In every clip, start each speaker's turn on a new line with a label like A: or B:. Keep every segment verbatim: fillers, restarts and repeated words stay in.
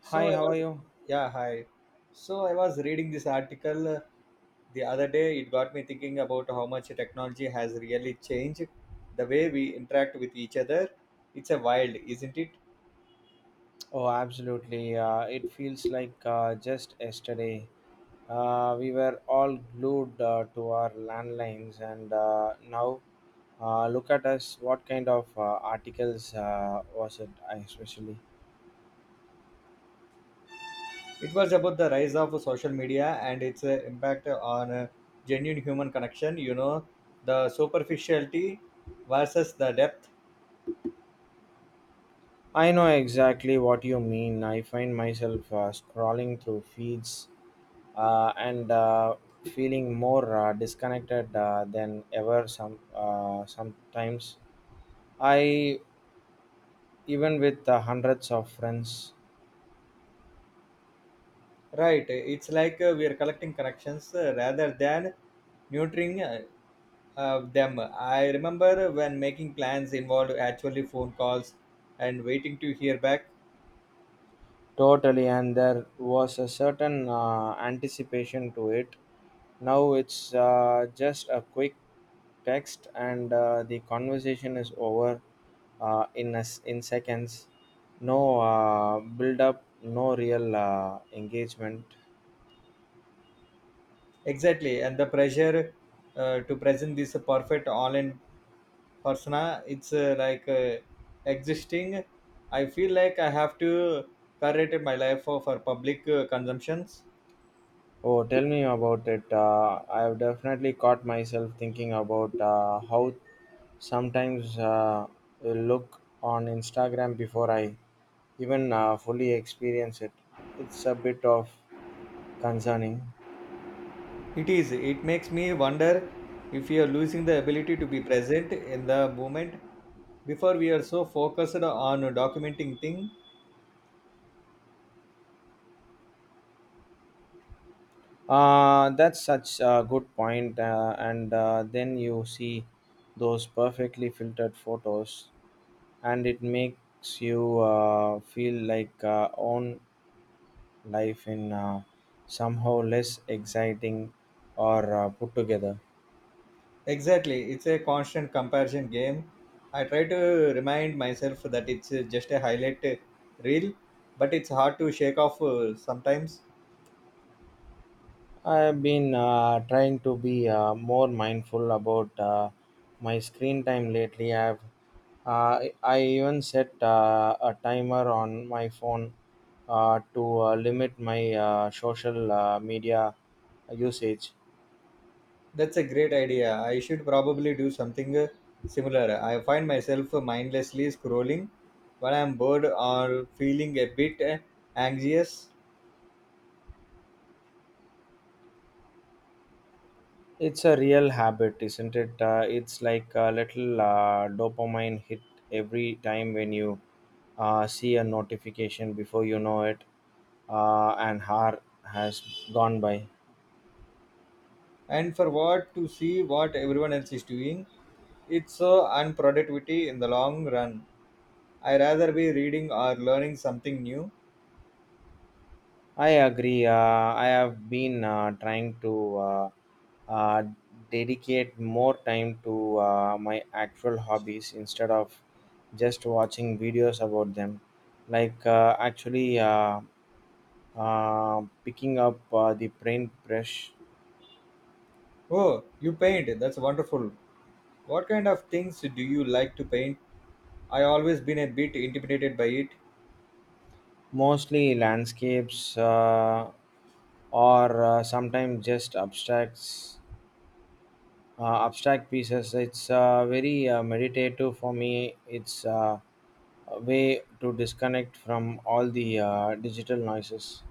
A: So
B: Hi,
A: I
B: how are
A: was,
B: you?
A: yeah, hi. So I was reading this article uh, the other day. It got me thinking about how much technology has really changed the way we interact with each other. It's a wild, isn't it?
B: Oh, absolutely. Uh, it feels like uh, just yesterday. Uh, we were all glued uh, to our landlines, and uh, now uh, look at us. What kind of uh, articles uh, was it, I especially?
A: It was about the rise of social media and its uh, impact on uh, genuine human connection. You know, the superficiality versus the depth.
B: I know exactly what you mean. I find myself uh, scrolling through feeds uh, and uh, feeling more uh, disconnected uh, than ever. Some uh, sometimes I even with uh, hundreds of friends.
A: Right. It's like uh, we are collecting connections uh, rather than nurturing uh, of them. I remember when making plans involved actually phone calls and waiting to hear back.
B: Totally, and there was a certain uh, anticipation to it. Now it's uh, just a quick text, and uh, the conversation is over uh, in a s in seconds. No uh, build up, no real uh, engagement.
A: Exactly, and the pressure uh, to present this perfect online persona, it's uh, like uh, existing. I feel like I have to curate my life for, for public uh, consumptions.
B: Oh, tell me about it. Uh, I have definitely caught myself thinking about uh, how sometimes uh, I look on Instagram before I even uh, fully experience it. It's a bit of concerning.
A: It is. It makes me wonder if we are losing the ability to be present in the moment before we are so focused on documenting things.
B: Uh, that's such a good point. Uh, and uh, then you see those perfectly filtered photos, and it makes you uh, feel like uh, own life in uh, somehow less exciting or uh, put together.
A: Exactly, it's a constant comparison game. I try to remind myself that it's uh, just a highlight uh, reel, but it's hard to shake off uh, sometimes.
B: I've been uh, trying to be uh, more mindful about uh, my screen time lately. I've uh, I even set uh, a timer on my phone uh, to uh, limit my uh, social uh, media usage.
A: That's a great idea. I should probably do something uh, similar. I find myself mindlessly scrolling when I'm bored or feeling a bit uh, anxious,
B: It's a real habit, isn't it? Uh, it's like a little uh, dopamine hit every time when you uh, see a notification before you know it, uh, an hour has gone by.
A: and for what? To see what everyone else is doing. It's so unproductivity in the long run. I rather be reading or learning something new.
B: I agree. Uh, I have been uh, trying to uh, uh, dedicate more time to uh, my actual hobbies instead of just watching videos about them. Like uh, actually uh, uh, picking up uh, the paint brush,
A: Oh, you paint. That's wonderful. What kind of things do you like to paint? I always been a bit intimidated by it.
B: mostly landscapes uh, or uh, sometimes just abstracts. uh, abstract pieces. It's uh, very uh, meditative for me. It's uh, a way to disconnect from all the uh, digital noises.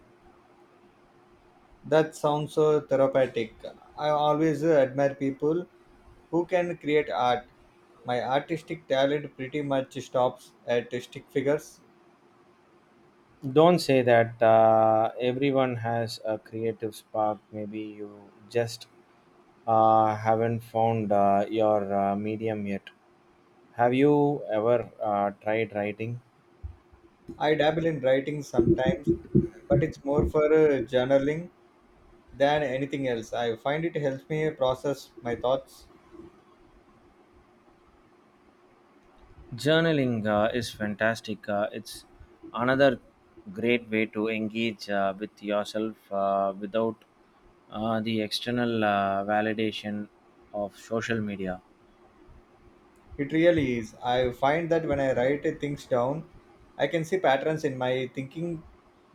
A: That sounds so therapeutic. I always uh, admire people who can create art. My artistic talent pretty much stops at stick figures.
B: Don't say that, uh, everyone has a creative spark. Maybe you just uh, haven't found uh, your uh, medium yet. Have you ever uh, tried writing?
A: I dabble in writing sometimes, but it's more for uh, journaling than anything else. I find it helps me process my thoughts.
B: Journaling uh, is fantastic. Uh, it's another great way to engage uh, with yourself uh, without uh, the external uh, validation of social media.
A: It really is. I find that when I write things down, I can see patterns in my thinking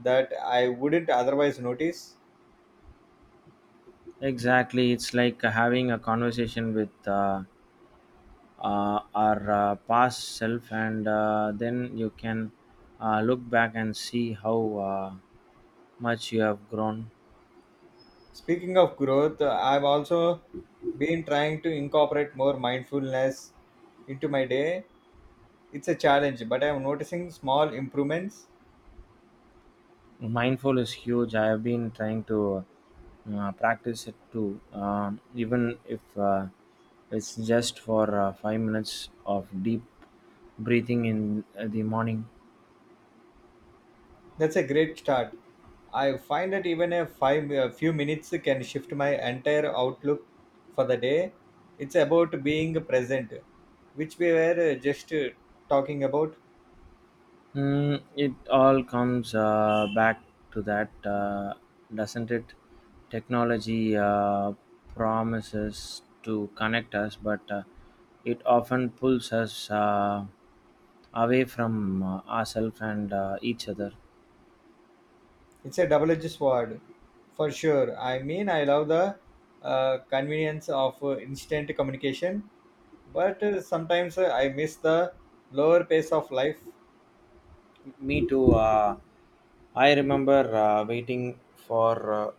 A: that I wouldn't otherwise notice.
B: Exactly, it's like having a conversation with uh, uh, our uh, past self, and uh, then you can uh, look back and see how uh, much you have grown.
A: Speaking of growth, I've also been trying to incorporate more mindfulness into my day. It's a challenge, but I'm noticing small improvements.
B: Mindful is huge. I have been trying to uh, practice it too. Um, even if uh, it's just for uh, five minutes of deep breathing in uh, the morning.
A: That's a great start. I find that even a five a few minutes can shift my entire outlook for the day. It's about being present, which we were uh, just uh, talking about.
B: Mm, it all comes uh, back to that, uh, doesn't it? Technology uh, promises to connect us, but uh, it often pulls us uh, away from uh, ourselves and uh, each other.
A: It's a double-edged sword, for sure. I mean, I love the uh, convenience of uh, instant communication, but uh, sometimes uh, I miss the lower pace of life.
B: Me too. Uh, I remember uh, waiting for uh,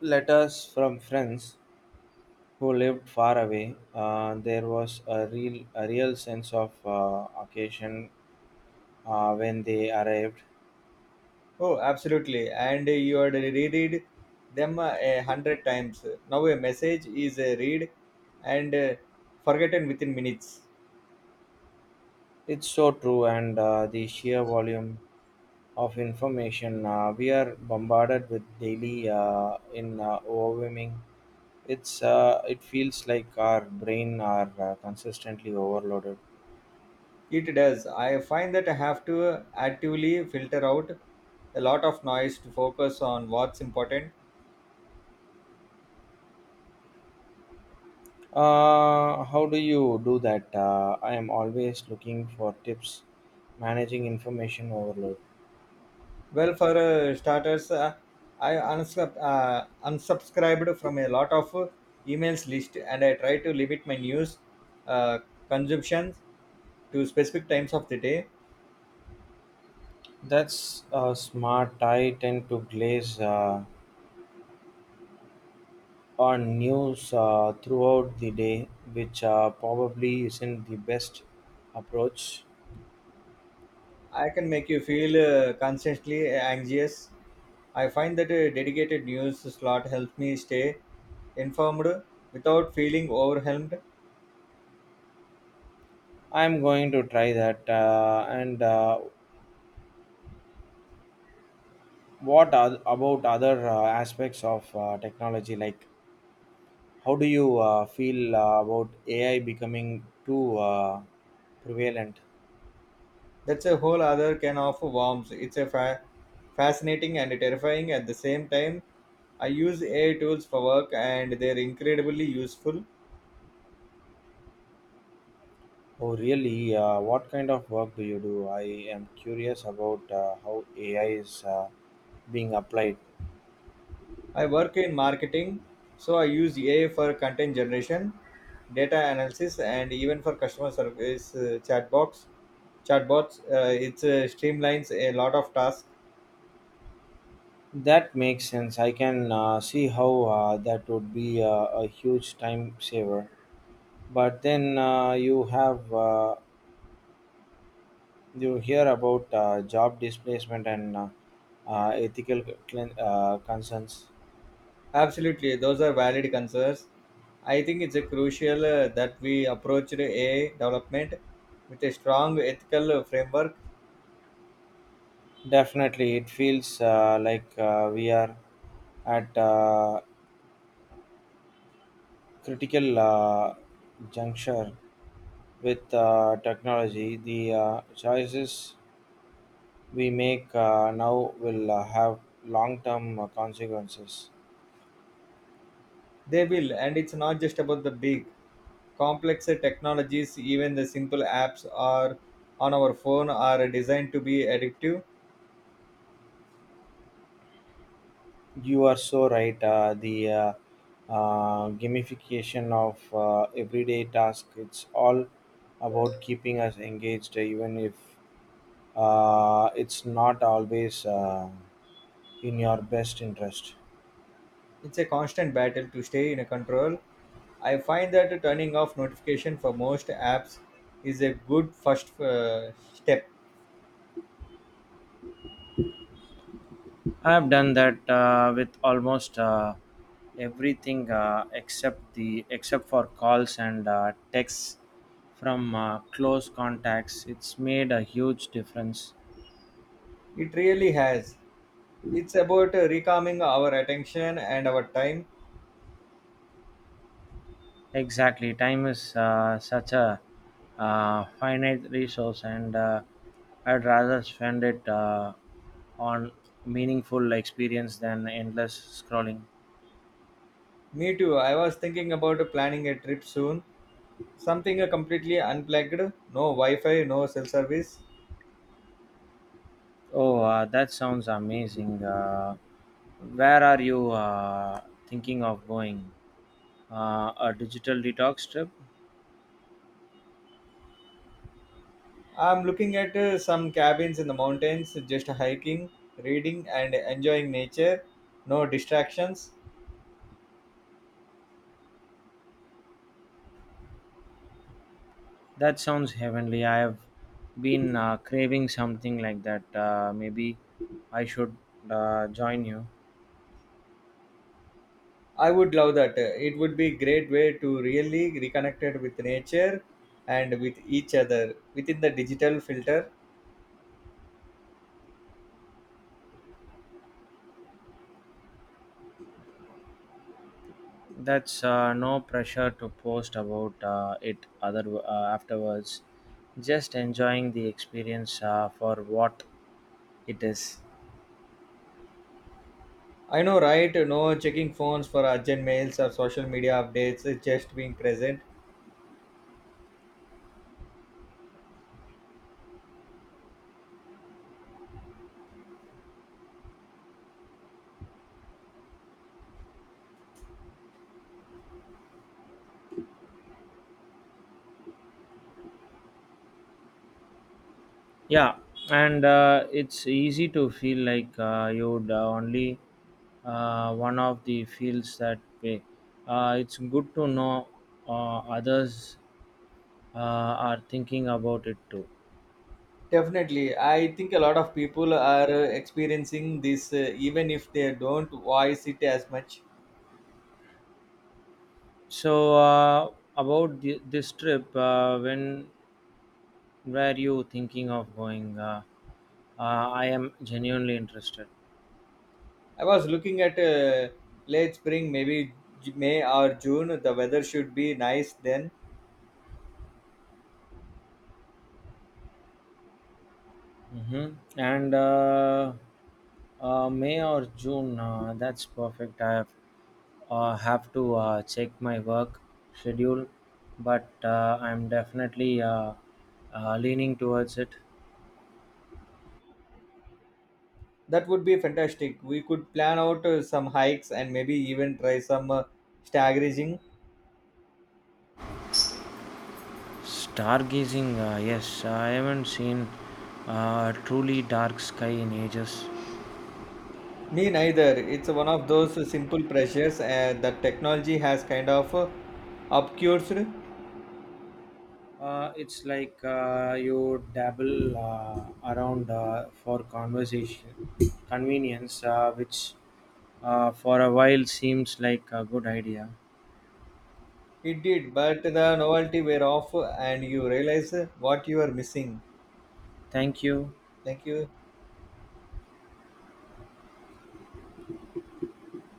B: letters from friends who lived far away. Uh, there was a real, a real sense of uh, occasion uh, when they arrived.
A: Oh, absolutely. And you had reread them uh, a hundred times. Now a message is a read and uh, forgotten within minutes.
B: It's so true, and uh, the sheer volume of information uh, we are bombarded with daily uh, in uh, overwhelming. It's uh, it feels like our brain are uh, consistently overloaded.
A: It does. I find that I have to actively filter out a lot of noise to focus on what's important.
B: Uh, how do you do that? Uh, I am always looking for tips managing information overload.
A: Well, for uh, starters, uh, I unsub- uh, unsubscribed from a lot of uh, emails list, and I try to limit my news uh, consumption to specific times of the day.
B: That's uh, smart. I tend to glaze uh, on news uh, throughout the day, which uh, probably isn't the best approach.
A: I can make you feel uh, constantly anxious. I find that a dedicated news slot helps me stay informed without feeling overwhelmed.
B: I'm going to try that. Uh, and uh, what are, about other uh, aspects of uh, technology? Like, how do you uh, feel uh, about A I becoming too uh, prevalent?
A: That's a whole other can of worms. It's a fa- fascinating and terrifying at the same time. I use A I tools for work, and they're incredibly useful.
B: Oh, really? Uh, what kind of work do you do? I am curious about uh, how A I is uh, being applied.
A: I work in marketing, so I use A I for content generation, data analysis, and even for customer service uh, chatbots. Chatbots, uh, it uh, streamlines a lot of tasks.
B: That makes sense. I can uh, see how uh, that would be uh, a huge time saver. But then uh, you have uh, you hear about uh, job displacement and uh, uh, ethical clean, uh, concerns.
A: Absolutely, those are valid concerns. I think it's uh, crucial uh, that we approach the A I development with a strong ethical uh, framework.
B: Definitely, it feels uh, like uh, we are at a critical uh, juncture with uh, technology. The uh, choices we make uh, now will uh, have long term uh, consequences.
A: They will, and it's not just about the big, complex uh, technologies. Even the simple apps are on our phone are designed to be addictive.
B: You are so right. Uh, the uh, uh, gamification of uh, everyday task, it's all about keeping us engaged uh, even if uh, it's not always uh, in your best interest.
A: It's a constant battle to stay in control. I find that turning off notification for most apps is a good first uh, step.
B: I've done that uh, with almost uh, everything uh, except the except for calls and uh, texts from uh, close contacts. It's made a huge difference.
A: It really has. It's about uh, recalming our attention and our time.
B: Exactly, time is uh, such a uh, finite resource, and uh, I'd rather spend it uh, on meaningful experience than endless scrolling.
A: Me too. I was thinking about planning a trip soon. Something uh, completely unplugged. No Wi-Fi, no cell service.
B: Oh, uh, that sounds amazing. Uh, where are you uh, thinking of going? uh, a digital detox trip.
A: I'm looking at uh, some cabins in the mountains, just hiking, reading, and enjoying nature. No distractions.
B: That sounds heavenly. I have been uh, craving something like that. Uh, maybe I should uh, join you.
A: I would love that. It would be great way to really reconnected with nature and with each other within the digital filter.
B: That's uh, no pressure to post about uh, it other uh, afterwards. Just enjoying the experience uh, for what it is.
A: I know, right? No checking phones for urgent mails or social media updates, just being present.
B: Yeah, and uh, it's easy to feel like uh, you'd uh, only uh, one of the fields that way. Uh, it's good to know uh, others uh, are thinking about it too.
A: Definitely. I think a lot of people are uh, experiencing this uh, even if they don't voice it as much.
B: So, uh, about the, this trip, uh, when were you thinking of going? Uh, uh, I am genuinely interested.
A: I was looking at uh, late spring, maybe J- May or June. The weather should be nice then.
B: Hmm. And uh, uh, May or June, uh, that's perfect. I have, uh, have to uh, check my work schedule, but uh, I'm definitely uh, uh, leaning towards it.
A: That would be fantastic. We could plan out uh, some hikes and maybe even try some uh, staggering.
B: Stargazing, uh, yes, I haven't seen uh, a truly dark sky in ages.
A: Me neither. It's one of those simple pleasures uh, that technology has kind of uh, obscured.
B: Uh, it's like uh, you dabble uh, around uh, for conversation convenience, uh, which uh, for a while seems like a good idea.
A: It did, but the novelty wear off and you realize uh, what you are missing.
B: Thank you.
A: Thank you.